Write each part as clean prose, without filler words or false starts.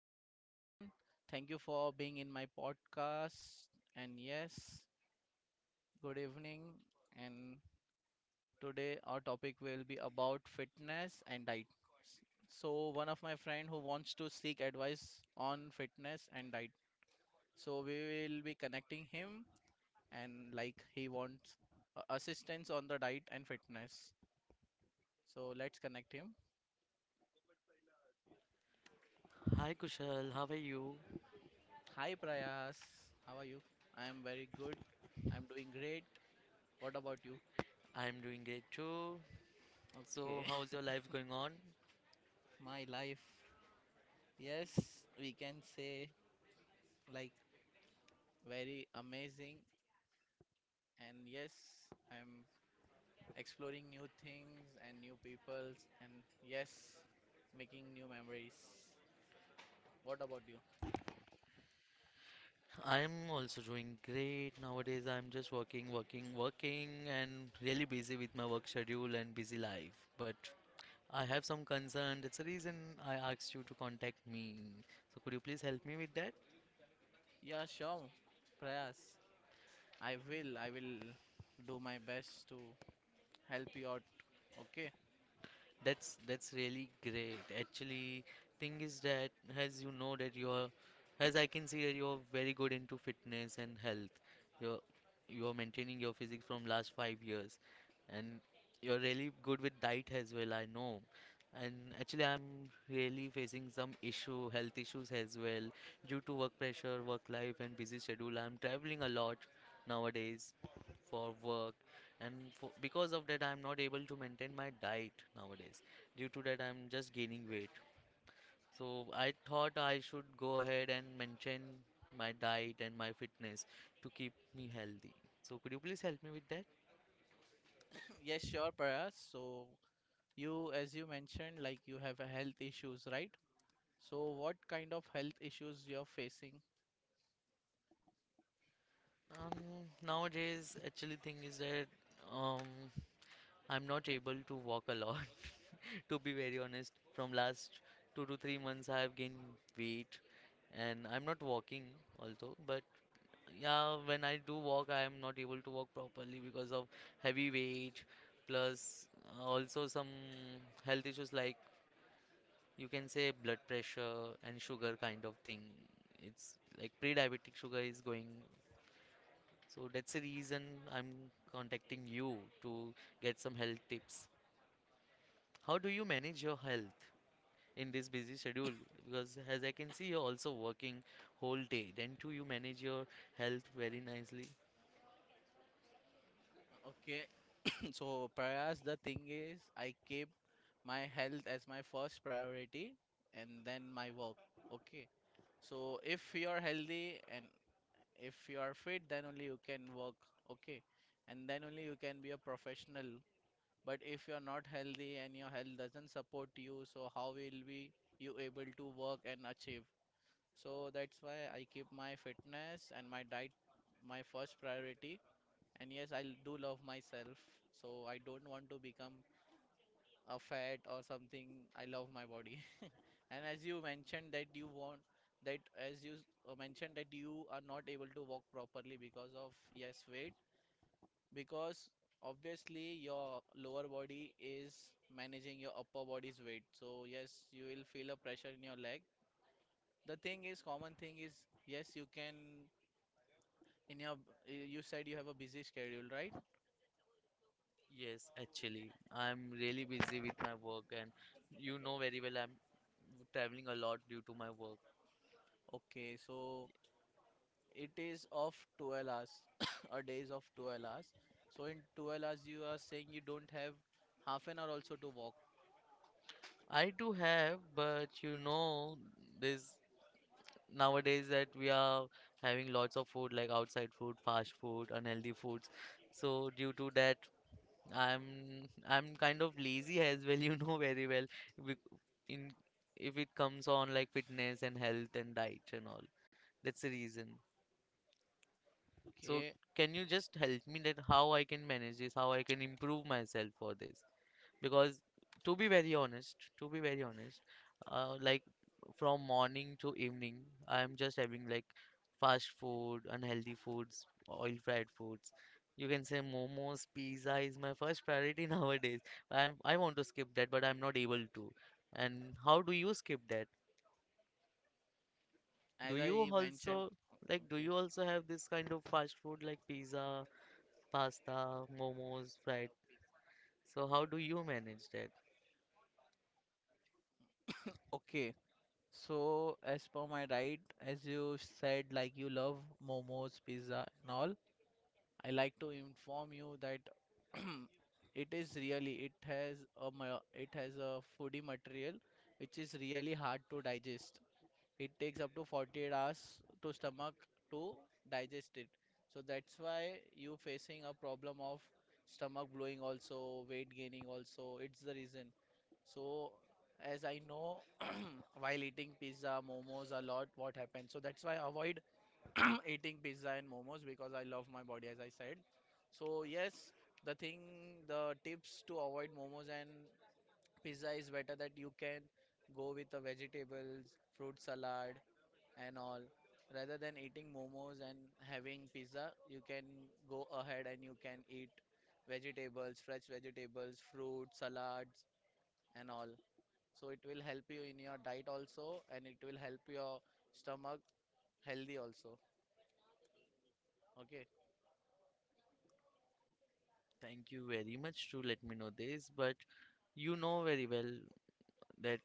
hello everyone. Thank you for being in my podcast. And yes, good evening. And today our topic will be about fitness and diet. So, one of my friend who wants to seek advice on fitness and diet. So, we will be connecting him and like he wants assistance on the diet and fitness. So, let's connect him. Hi Kushal, how are you? Hi Prayas. How are you? I am very good. I'm doing great. What about you? I'm doing great too. So, Okay. how's your life going on? My life. Yes, we can say like very amazing. And yes, I'm exploring new things and new peoples. And yes, making new memories. What about you? I'm also doing great. Nowadays, I'm just working, working, working, and really busy with my work schedule and busy life. But I have some concern. That's the reason I asked you to contact me. So, could you please help me with that? Yeah, sure. Prayas. I will do my best to help you out. Okay. That's really great. Actually, thing is that as you know that you are, as I can see that you are very good into fitness and health. You're you are maintaining your physique from last 5 years, and you're really good with diet as well. I know. And actually, I'm really facing some issue, health issues as well, due to work pressure, work life, and busy schedule. I'm traveling a lot nowadays, for work and for, because of that I'm not able to maintain my diet nowadays. Due to that I'm just gaining weight, so I thought I should go ahead and maintain my diet and my fitness to keep me healthy. So could you please help me with that? Yes, sure, Prayas. So, as you mentioned, like you have a health issues, right? So, what kind of health issues you're facing? um, Nowadays actually thing is that um, I'm not able to walk a lot, to be very honest. From last 2 to 3 months, I have gained weight, and I'm not walking also. But yeah, when I do walk, I am not able to walk properly because of heavy weight, plus also some health issues like you can say blood pressure and sugar kind of thing. It's like pre-diabetic sugar is going. So that's the reason I'm contacting you to get some health tips. How do you manage your health in this busy schedule? Because as I can see, you're also working whole day. Then too, you manage your health very nicely. Okay, so Prayas, the thing is, I keep my health as my first priority and then my work. Okay, so if you're healthy and if you are fit, then only you can work. Okay, and then only you can be a professional. But if you're not healthy and your health doesn't support you, so how will be you able to work and achieve? So that's why I keep my fitness and my diet my first priority. And yes, I do love myself, so I don't want to become a fat or something. I love my body. And as you mentioned that you want that as you mentioned that you are not able to walk properly because of yes weight, because obviously your lower body is managing your upper body's weight. So yes, you will feel a pressure in your leg. The thing is common thing is yes, you can in your you said you have a busy schedule, right? Yes, actually, I'm really busy with my work, and you know very well I'm traveling a lot due to my work. Okay, so it is of 12 hours, a days of 12 hours. So in 12 hours, you are saying you don't have half an hour also to walk. I do have, but you know, this nowadays that we are having lots of food like outside food, fast food, unhealthy foods. So due to that, I'm kind of lazy as well, you know very well. bec- In if it comes on like fitness and health and diet and all, that's the reason. So Okay, can you just help me that how I can manage this, how I can improve myself for this? Because to be very honest, like from morning to evening, I am just having like fast food, unhealthy foods, oil fried foods. You can say momos, pizza is my first priority nowadays. I want to skip that, but I'm not able to. And how do you skip that? Do as you I mentioned. also, like do Okay, you also have this kind of fast food like pizza, pasta, momos, fried? So how do you manage that? okay. So as per my right, as you said, like you love momos, pizza, and all. I like to inform you that it is really, it has a foodie material which is really hard to digest. It takes up to 48 hours to stomach to digest it. So that's why you facing a problem of stomach blowing also, weight gaining also. It's the reason. So as I know, while eating pizza momos a lot, what happens, so that's why I avoid eating pizza and momos, because I love my body as I said. So yes, the thing the tips to avoid momos and pizza is better that you can go with the vegetables, fruit salad, and all. Rather than eating momos and having pizza, you can go ahead and you can eat vegetables, fresh vegetables, fruit salads, and all. So it will help you in your diet also and it will help your stomach healthy also. Okay. Thank you very much to let me know this, but you know very well that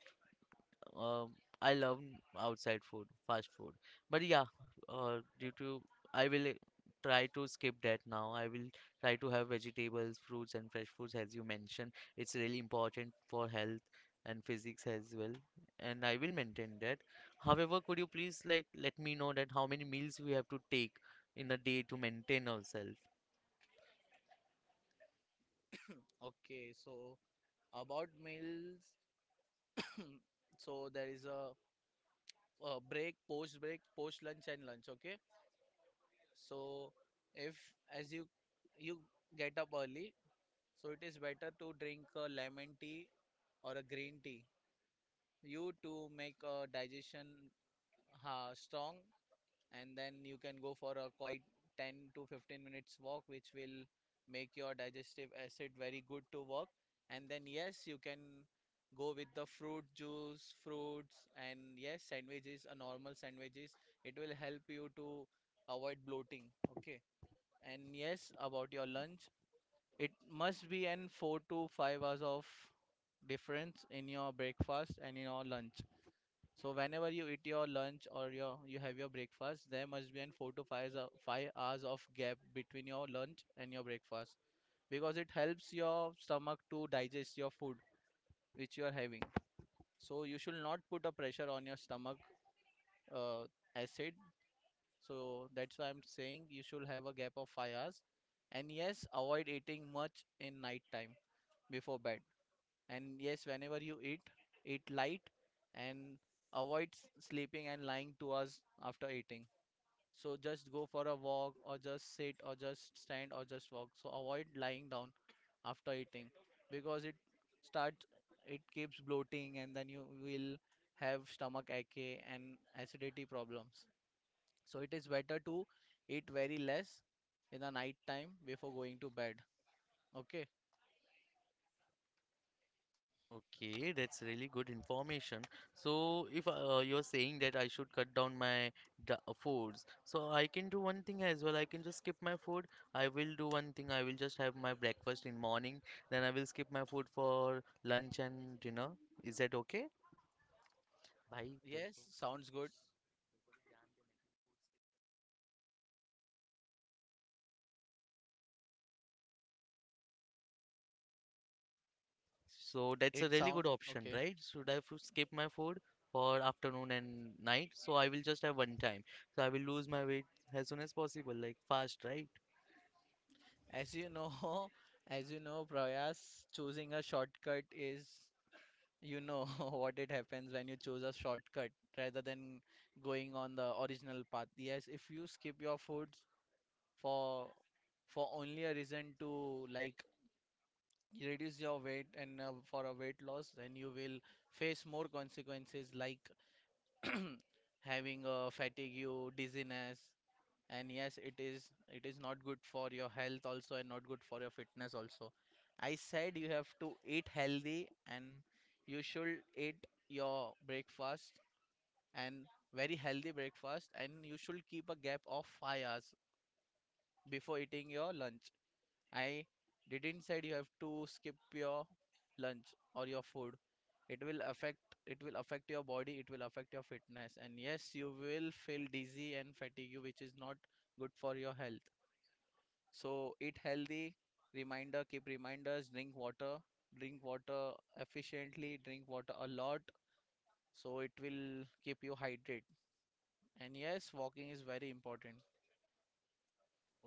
um, I love outside food, fast food. But yeah, due to I will try to skip that now. I will try to have vegetables, fruits, and fresh foods as you mentioned. It's really important for health and physics as well, and I will maintain that. However, could you please like let me know that how many meals we have to take in a day to maintain ourselves? Okay, so about meals, so there is a break, post break, post lunch and lunch, okay. So if as you get up early, so it is better to drink a lemon tea or a green tea, you to make a digestion strong, and then you can go for a quite 10 to 15 minutes walk, which will make your digestive acid very good to work. And then yes, you can go with the fruit juice, fruits, and yes, sandwiches, a normal sandwiches. It will help you to avoid bloating. Okay. And yes, about your lunch, it must be an 4 to 5 hours of difference in your breakfast and in your lunch. So whenever you eat your lunch or your you have your breakfast, there must be an four to five hou- 5 hours of gap between your lunch and your breakfast, because it helps your stomach to digest your food which you are having. So you should not put a pressure on your stomach uh, acid. So that's why I'm saying you should have a gap of 5 hours. And yes, avoid eating much in night time before bed. And yes, whenever you eat, eat light, and avoid sleeping and lying 2 hours after eating. So just go for a walk or just sit or just stand or just walk. So avoid lying down after eating because starts it keeps bloating and then you will have stomach ache and acidity problems. So it is better to eat very less in the night time before going to bed. Okay. Okay, that's really good information. So, if you're saying that I should cut down my foods, so I can do one thing as well. I can just skip my food. I will do one thing. I will just have my breakfast in morning. Then I will skip my food for lunch and dinner. Is that okay? Bye. Yes, sounds good. So that's a It really good sound option, okay. right? Should I f skip my food for afternoon and night? So I will just have one time. So I will lose my weight as soon as possible, like fast, right? As you know, as you know, Prayas, choosing a shortcut is, you know, what it happens when you choose a shortcut rather than going on the original path. Yes, if you skip your foods for for only a reason to like reduce your weight and for a weight loss, then you will face more consequences like having a fatigue, you dizziness, and yes, it is not good for your health also and not good for your fitness also. I said you have to eat healthy, and you should eat your breakfast, and very healthy breakfast, and you should keep a gap of 5 hours before eating your lunch. I didn't said you have to skip your lunch or your food. It will affect your body, it will affect your fitness, and yes, you will feel dizzy and fatigue, which is not good for your health. So eat healthy, reminder, keep reminders, drink water efficiently, drink water a lot. So it will keep you hydrated. And yes, walking is very important.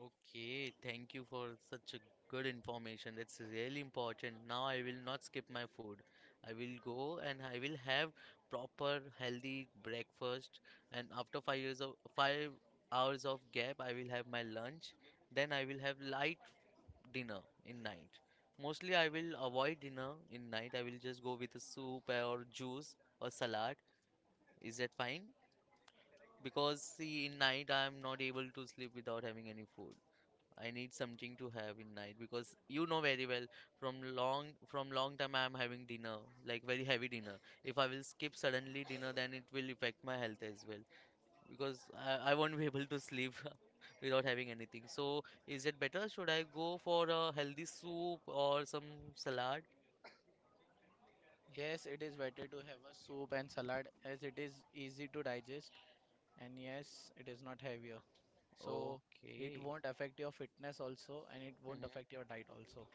Okay, thank you for such a good information. That's really important. Now I will not skip my food. I will go and I will have proper healthy breakfast, and after 5 years of 5 hours of gap I will have my lunch. Then I will have light dinner in night. Mostly I will avoid dinner in night. I will just go with a soup or juice or salad. Is that fine? Because see in night I am not able to sleep without having any food. I need something to have in night because you know very well from long time I am having dinner like very heavy dinner. If I will skip suddenly dinner, then it will affect my health as well because I won't be able to sleep without having anything. So is it better? Should I go for a healthy soup or some salad? Yes, it is better to have a soup and salad as it is easy to digest. And yes, it is not heavier. So it Okay. won't affect your fitness also and it won't affect Mhm. your diet also.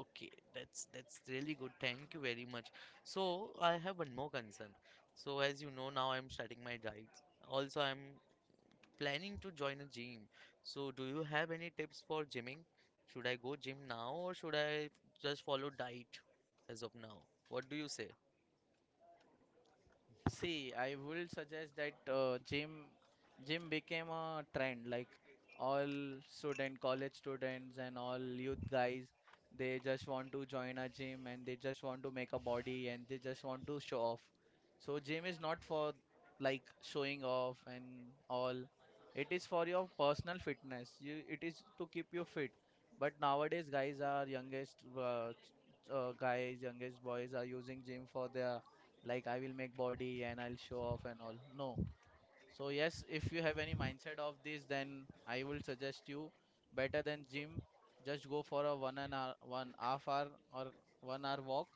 Okay, that's really good. Thank you very much. So I have one more concern. So as you know now I'm starting my diet. Also I'm planning to join a gym. So do you have any tips for gymming? Should I go gym now or should I just follow diet as of now? What do you say? See, I will suggest that gym became a trend. Like all student, college students, and all youth guys, they just want to join a gym and they just want to make a body and they just want to show off. So gym is not for like showing off and all. It is for your personal fitness. It is to keep you fit. But nowadays, guys, youngest boys are using gym for their like I will make body and I'll show off and all. No. So yes, if you have any mindset of this, then I will suggest you better than gym. Just go for a one and hour, one half hour or 1 hour walk.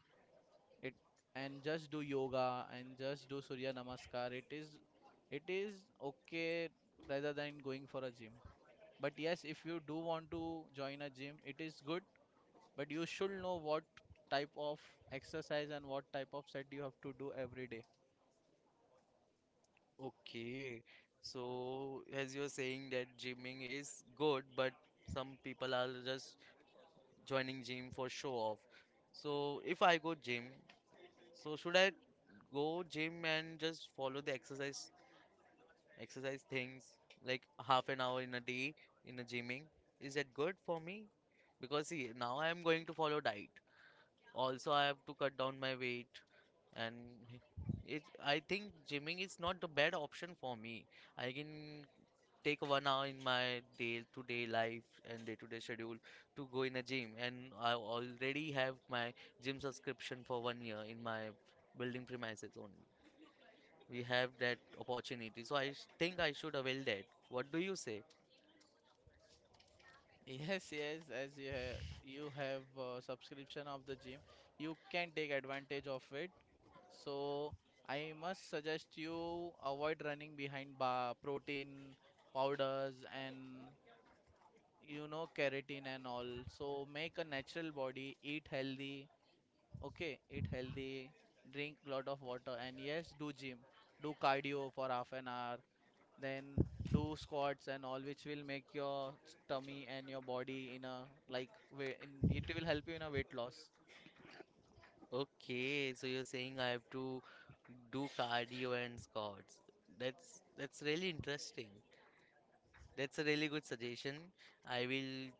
It And just do yoga and just do Surya Namaskar. It is okay rather than going for a gym. But yes, if you do want to join a gym, it is good, but you should know what type of exercise and what type of set you have to do every day. Okay. So as you're saying that gymming is good, but some people are just joining gym for show off. So if I go gym, so should I go gym and just follow the exercise things like half an hour in a day in a gymming? Is that good for me? Because see, now I am going to follow diet. Also, I have to cut down my weight, and it. I think gymming is not the bad option for me. I can take 1 hour in my day-to-day life and day-to-day schedule to go in a gym. And I already have my gym subscription for 1 year in my building premises only. We have that opportunity. So I think I should avail that. What do you say? Yes, as you have a subscription of the gym, you can take advantage of it. So I must suggest you avoid running behind bar protein powders and, you know, keratin and all. So make a natural body, eat healthy. Okay, eat healthy, drink lot of water, and yes, do gym, do cardio for half an hour, then do squats and all, which will make your tummy and your body in a like way in it will help you in a weight loss. Okay, so you're saying I have to do cardio and squats. That's really interesting. That's a really good suggestion. I will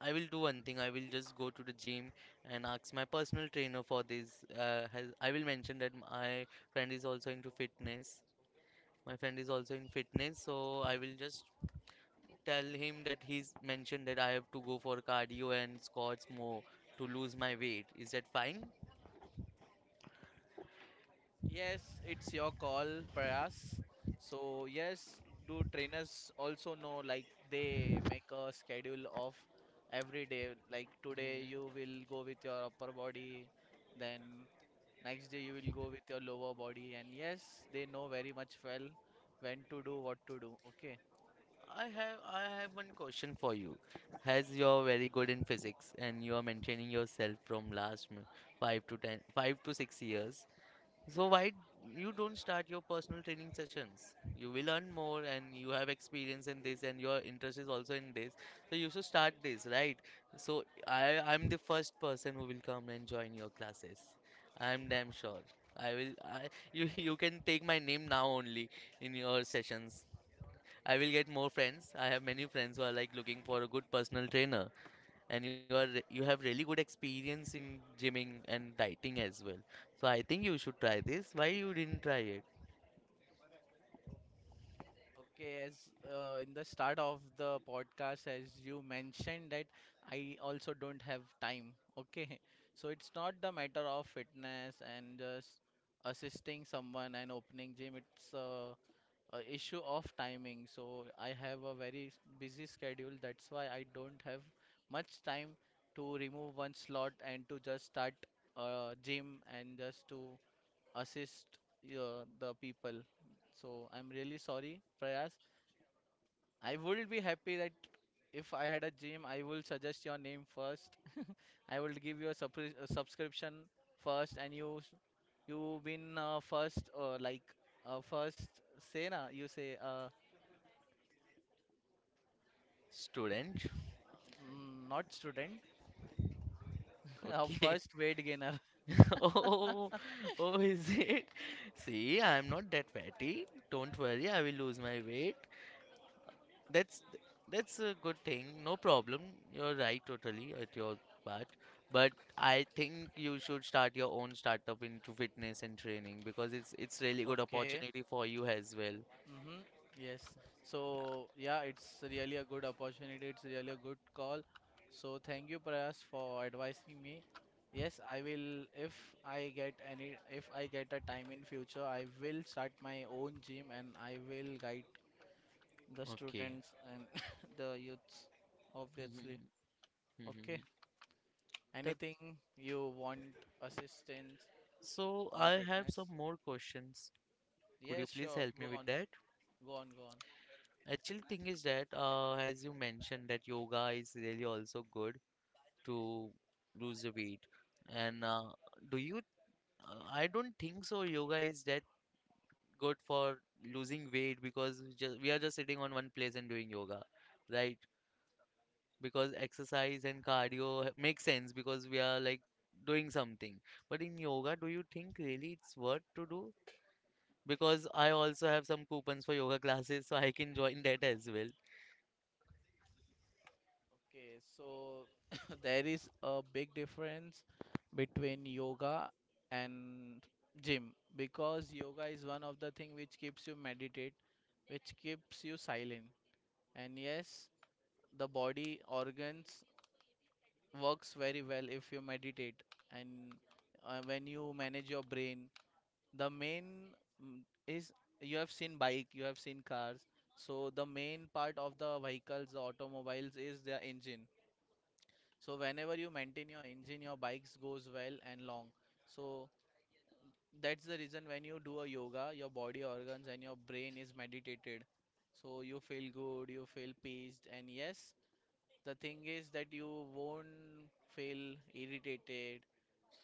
I will do one thing. I will just go to the gym and ask my personal trainer for this. I will mention that my friend is also into fitness. My friend is also in fitness, so I will just tell him that he's mentioned that I have to go for cardio and squats more to lose my weight. Is that fine? Yes, it's your call, Prayas. So yes, do trainers also know, like they make a schedule of every day, like today you will go Mhm. with your upper body, then next day you will go with your lower body, and yes, they know very much well when to do what to do, okay. I have one question for you. As you're very good in physics and you're maintaining yourself from last 5 to 6 years, so why you don't start your personal training sessions? You will learn more and you have experience in this and your interest is also in this, so you should start this, right? So I'm the first person who will come and join your classes. I'm damn sure. I will. I you you can take my name now only in your sessions. I will get more friends. I have many friends who are like looking for a good personal trainer, and you have really good experience in gymming and dieting as well. So I think you should try this. Why you didn't try it, Okay, as in the start of the podcast, as you mentioned that I also don't have time. Okay. So it's not the matter of fitness and just assisting someone and opening gym. It's a issue of timing. So I have a very busy schedule. That's why I don't have much time to remove one slot and to just start a gym and just to assist the people. So I'm really sorry, Prayas. I would be happy that if I had a gym, I will suggest your name first. I will give you a subscription first, and you s- you been first like first, say na, you say, student? mm, not student, Okay. first weight gainer. Oh, oh, is it? See, I am not that fatty. Don't worry, I will lose my weight. That's that's a good thing. No problem. You're right totally at your part. But I think you should start your own startup into fitness and training because it's really good Okay. opportunity for you as well. Mm-hmm. Yes. So yeah, it's really a good opportunity. It's really a good call. So thank you, Prayas, for advising me. Yes, I will. If if I get a time in future, I will start my own gym and I will guide the Okay. students and the youths, obviously. Mhm, Okay. mhm. That Anything you want assistance so on I have fitness? some more questions. Could you Yes, please sure. help me Go with on. that? Go on. Go on. Actually, thing is that as you mentioned that yoga is really also good to lose the weight, and do you? I don't think so. Yoga is that good for losing weight because just, we are just sitting on one place and doing yoga, right? Because exercise and cardio makes sense because we are like doing something. But in yoga, do you think really it's worth to do? Because I also have some coupons for yoga classes, so I can join that as well. Okay, so there is a big difference between yoga and gym because yoga is one of the thing which keeps you meditate, which keeps you silent. And yes, the body organs works very well if you meditate and when you manage your brain. The main mm, is, you have seen bike, you have seen cars. So the main part of the vehicles, the automobiles is their engine, so whenever you maintain your engine your bikes goes well and long. So that's the reason when you do a yoga your body organs and your brain is meditated, so you feel good, you feel peaced. And yes, the thing is that you won't feel irritated,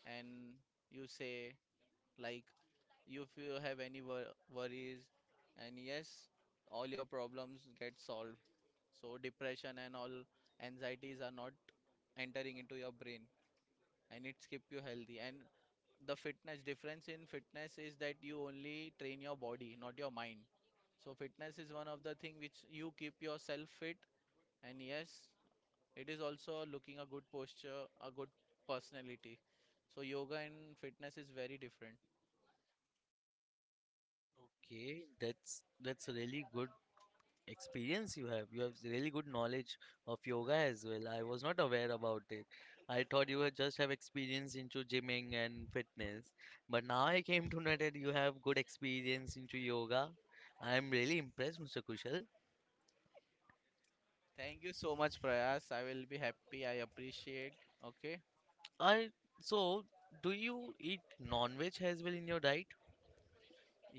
and you say like, you if you have any worries, and yes, all your problems get solved, so depression and all anxieties are not entering into your brain, and it's keep you healthy. And the fitness, difference in fitness is that you only train your body, not your mind. So fitness is one of the thing which you keep yourself fit, and yes, it is also looking a good posture, a good personality. So yoga and fitness is very different. Okay, that's really good experience you have. You have really good knowledge of yoga as well. I was not aware about it. I thought you had just have experience into gymming and fitness, but now I came to know that you have good experience into yoga. I am really impressed, Mr. Kushal. Thank you so much, Prayas. I will be happy. I appreciate. Okay. I so do you eat non-veg as well in your diet?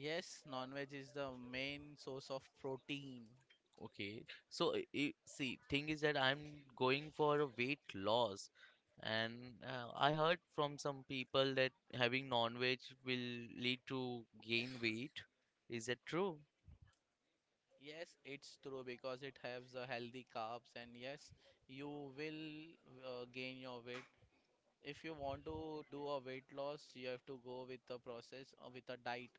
Yes, non veg is the main source of protein. Okay, so see, thing is that I'm going for a weight loss, and I heard from some people that having non-veg will lead to gain weight. Is that true? Yes, it's true because it has a healthy carbs, and yes, you will gain your weight. If you want to do a weight loss, you have to go with a process or with a diet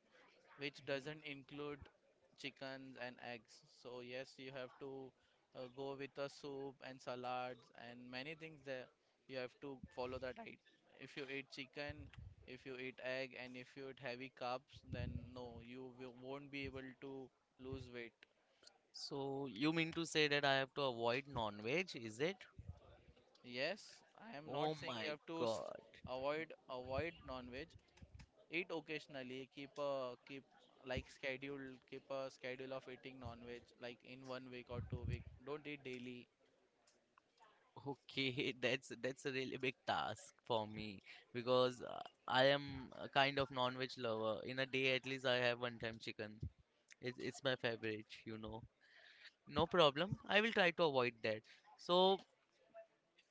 which doesn't include chickens and eggs. So, yes, you have to go with a soup and salads and many things there. You have to follow the diet. If you eat chicken, if you eat egg, and if you eat heavy carbs, then no, you will, won't be able to lose weight. So you mean to say that I have to avoid non-veg, is it? Yes, I am Oh not saying you my have to God. avoid non-veg. Eat occasionally. Keep like schedule. Keep a schedule of eating non-veg like in 1 week or 2 week. Don't eat daily. Okay, that's a really big task for me because I am a kind of non-veg lover. In a day, at least I have one time chicken. It's my favorite. No problem. I will try to avoid that. So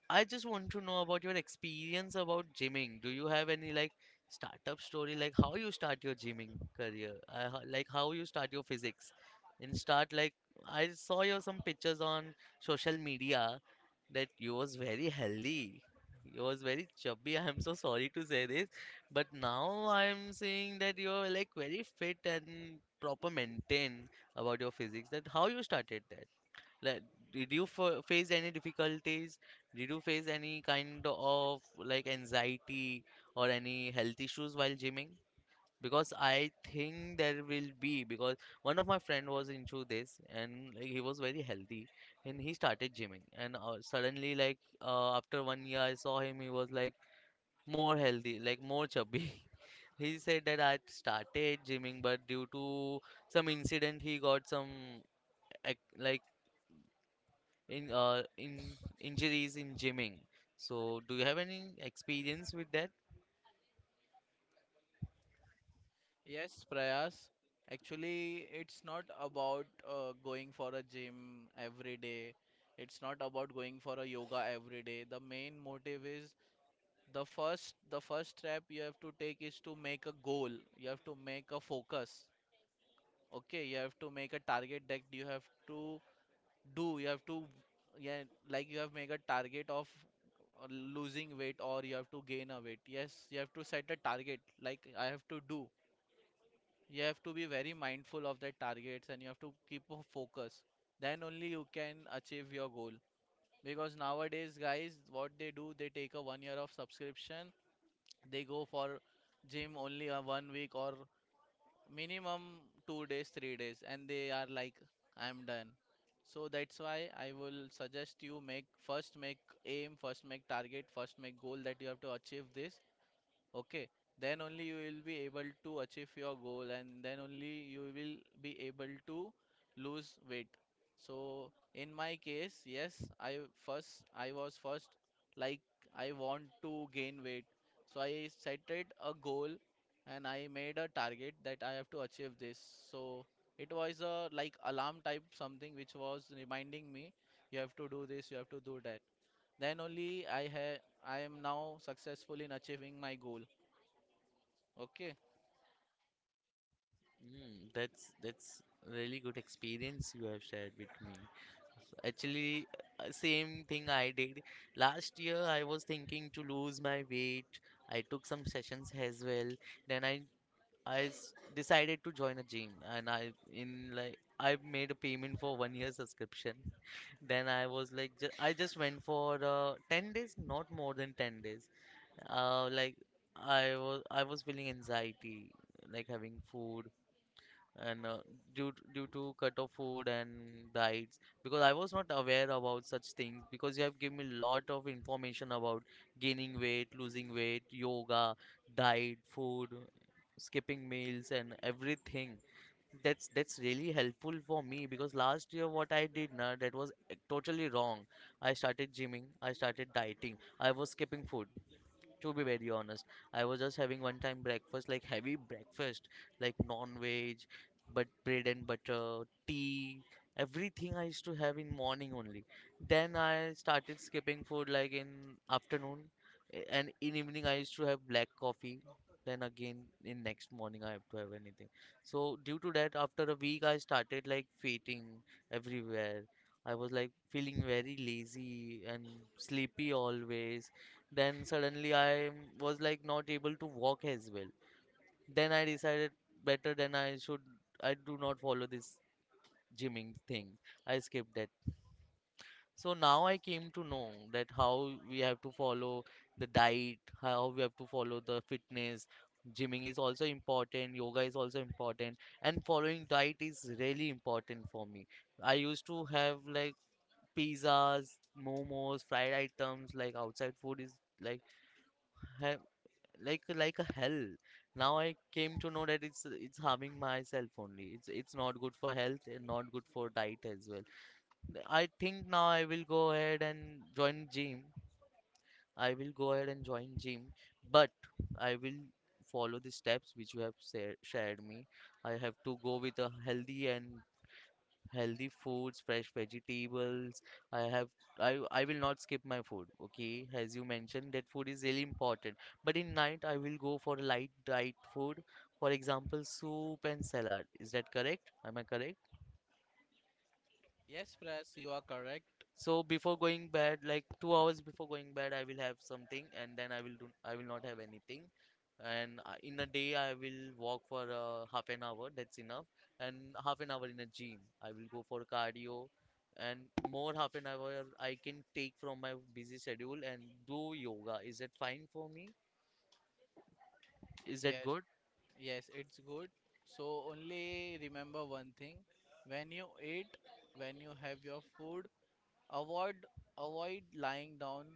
I just want to know about your experience about gymming. Do you have any like startup story, like how you start your gymming career, like how you start your physics, and start like I saw your some pictures on social media that you was very healthy. You was very chubby. I am so sorry to say this, but now I am seeing that you are like very fit and proper maintained about your physics. That how you started that. Like, did you f face any difficulties? Did you face any kind of like anxiety or any health issues while gymming? Because I think there will be because one of my friend was into this and like, he was very healthy and he started gymming and suddenly after 1 year I saw him he was like more healthy like more chubby. He said that I started gymming but due to some incident he got some ac- like in injuries in gymming. So do you have any experience with that? Yes, Prayas. Actually, it's not about going for a gym every day. It's not about going for a yoga every day. The main motive is, the first step you have to take is to make a goal. You have to make a focus. Okay, you have to make a target that you have to do, you have to, yeah, like, you have make a target of losing weight, or you have to gain a weight. Yes, you have to set a target, like I have to do, you have to be very mindful of the targets, and you have to keep a focus. Then only you can achieve your goal, because nowadays guys what they do, they take a 1 year of subscription, they go for gym only a 1 week, or minimum 2 days, 3 days, and they are like, I'm done. So that's why I will suggest you, make, first make aim, first make target, first make goal that you have to achieve this, okay, then only you will be able to achieve your goal, and then only you will be able to lose weight. So in my case, yes, I was first, like, I want to gain weight, so I setted a goal, and I made a target that I have to achieve this. So it was a like alarm type something which was reminding me, you have to do this, you have to do that. Then only I am now successful in achieving my goal. Okay. That's really good experience you have shared with me. Actually, same thing I did last year. I was thinking to lose my weight. I took some sessions as well. Then decided to join a gym, and I in like I made a payment for 1 year subscription. Then I was like, I just went for 10 days, not more than 10 days. Uh, like I was feeling anxiety, like having food and due to, due to cut of food and diets because I was not aware about such things because you have given me lot of information about gaining weight, losing weight, yoga, diet, food, skipping meals and everything. That's really helpful for me because last year what I did now that was totally wrong. I started gymming, I started dieting, I was skipping food to be very honest. I was just having one time breakfast like heavy breakfast like non-veg but bread and butter tea, everything I used to have in morning only. Then I started skipping food like in afternoon, and in evening I used to have black coffee. Then again in next morning I have to have anything. So due to that after a week I started like fainting everywhere. I was like feeling very lazy and sleepy always. Then suddenly I was like not able to walk as well. Then I decided better than I should. I do not follow this gymming thing. I skipped that. So now I came to know that how we have to follow the diet, how we have to follow the fitness. Gymming is also important, yoga is also important, and following diet is really important for me. I used to have like pizzas, momos, fried items, like outside food is like ha like a hell. Now I came to know that it's harming myself only. It's not good for health and not good for diet as well. I think now I will go ahead and join gym. I will go ahead and join gym, but I will follow the steps which you have shared me. I have to go with a healthy and healthy foods, fresh vegetables. I have I will not skip my food. Okay, as you mentioned, that food is really important. But in night, I will go for light diet food. For example, soup and salad. Is that correct? Am I correct? Yes, press, you are correct. So before going bed, like 2 hours before going bed, I will have something, and then I will do. I will not have anything. And in a day, I will walk for half an hour. That's enough. And half an hour in a gym. I will go for cardio, and more half an hour I can take from my busy schedule and do yoga. Is that fine for me? Is that Yes, good? yes, it's good. So only remember one thing. When you eat, when you have your food, avoid avoid lying down.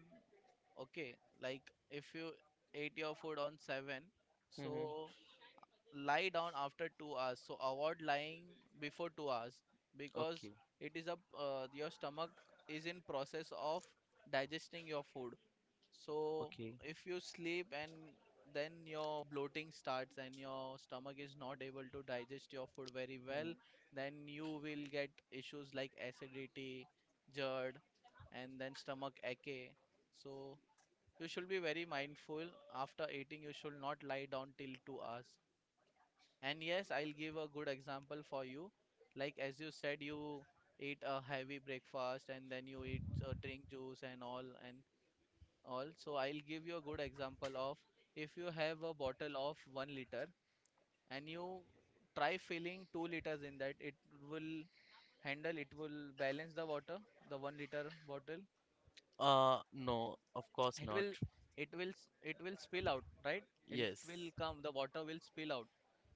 Okay. Like if you ate your food on 7, Mm-hmm. so lie down after 2 hours. So avoid lying before 2 hours, because Okay. it is a your stomach is in process of digesting your food. So Okay. if you sleep and then your bloating starts and your stomach is not able to digest your food very well, Hmm. then you will get issues like acidity, GERD, and then stomach ache. So you should be very mindful. After eating, you should not lie down till 2 hours. And yes, I'll give a good example for you. Like as you said, you eat a heavy breakfast and then you eat drink juice and all. So I'll give you a good example of, if you have a bottle of 1 liter and you try filling 2 liters in that, it will handle, it will balance the water, the 1 liter bottle, No, of course it not. will, it will spill out, right? It Yes, will come, the water will spill out.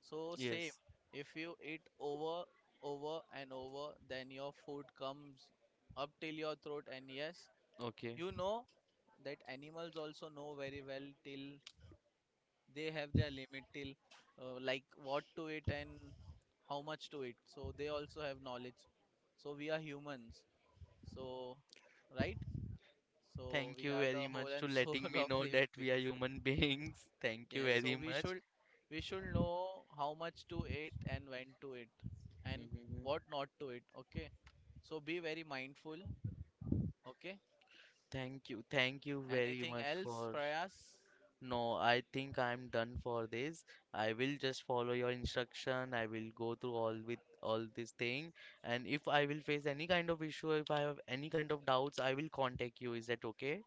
So yes. same, if you eat over, over and over, then your food comes up till your throat. And yes, Okay. you know that animals also know very well, till they have their limit, till like what to it, and how much to it. So they also have knowledge. So we are humans, so, right, so Thank we you are the very whole much to and soul letting me of know that living we are beings. human beings. Thank you Yes, so very we much. should, we should know how much to eat and when to eat, and Mhm. what not to eat. Okay, so be very mindful. Okay. Thank you. Thank you very Anything much else, for. Prayas? No, I think I'm done for this. I will just follow your instruction. I will go through all with all this thing. And if I will face any kind of issue, if I have any kind of doubts, I will contact you. Is that okay?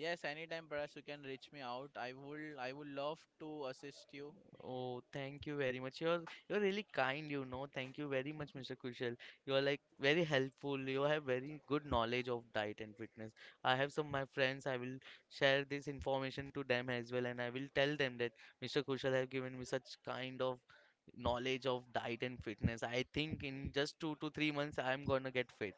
Yes, anytime, Prayas, you can reach me out. I would love to assist you. Oh, thank you very much. You're really kind. Thank you very much, Mr. Kushal. You're like very helpful. You have very good knowledge of diet and fitness. I have some my friends. I will share this information to them as well, and I will tell them that Mr. Kushal have given me such kind of knowledge of diet and fitness. I think in just 2 to 3 months, I'm gonna get fit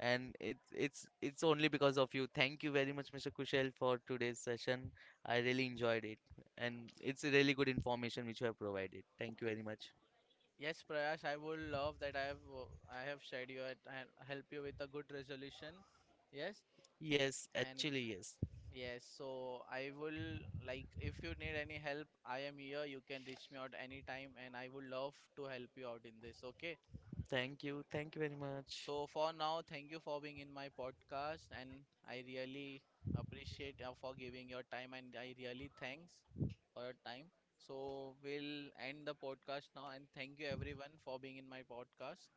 and it's only because of you. Thank you very much, Mr. Kushal, for today's session. I really enjoyed it, and it's a really good information which you have provided. Thank you very much. Yes, Prayash, I would love that. I have shared you, and help you with a good resolution. Yes, Yes, and actually, yes. yes, so I will, like, if you need any help, I am here. You can reach me out anytime, and I would love to help you out in this. Okay. Thank you. Thank you very much. So for now, thank you for being in my podcast, and I really appreciate for giving your time, and I really thanks for your time. So we'll end the podcast now, and thank you everyone for being in my podcast,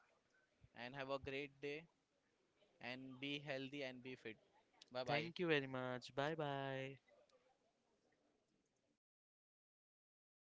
and have a great day, and be healthy and be fit. Bye Thank you bye. very much. Bye bye.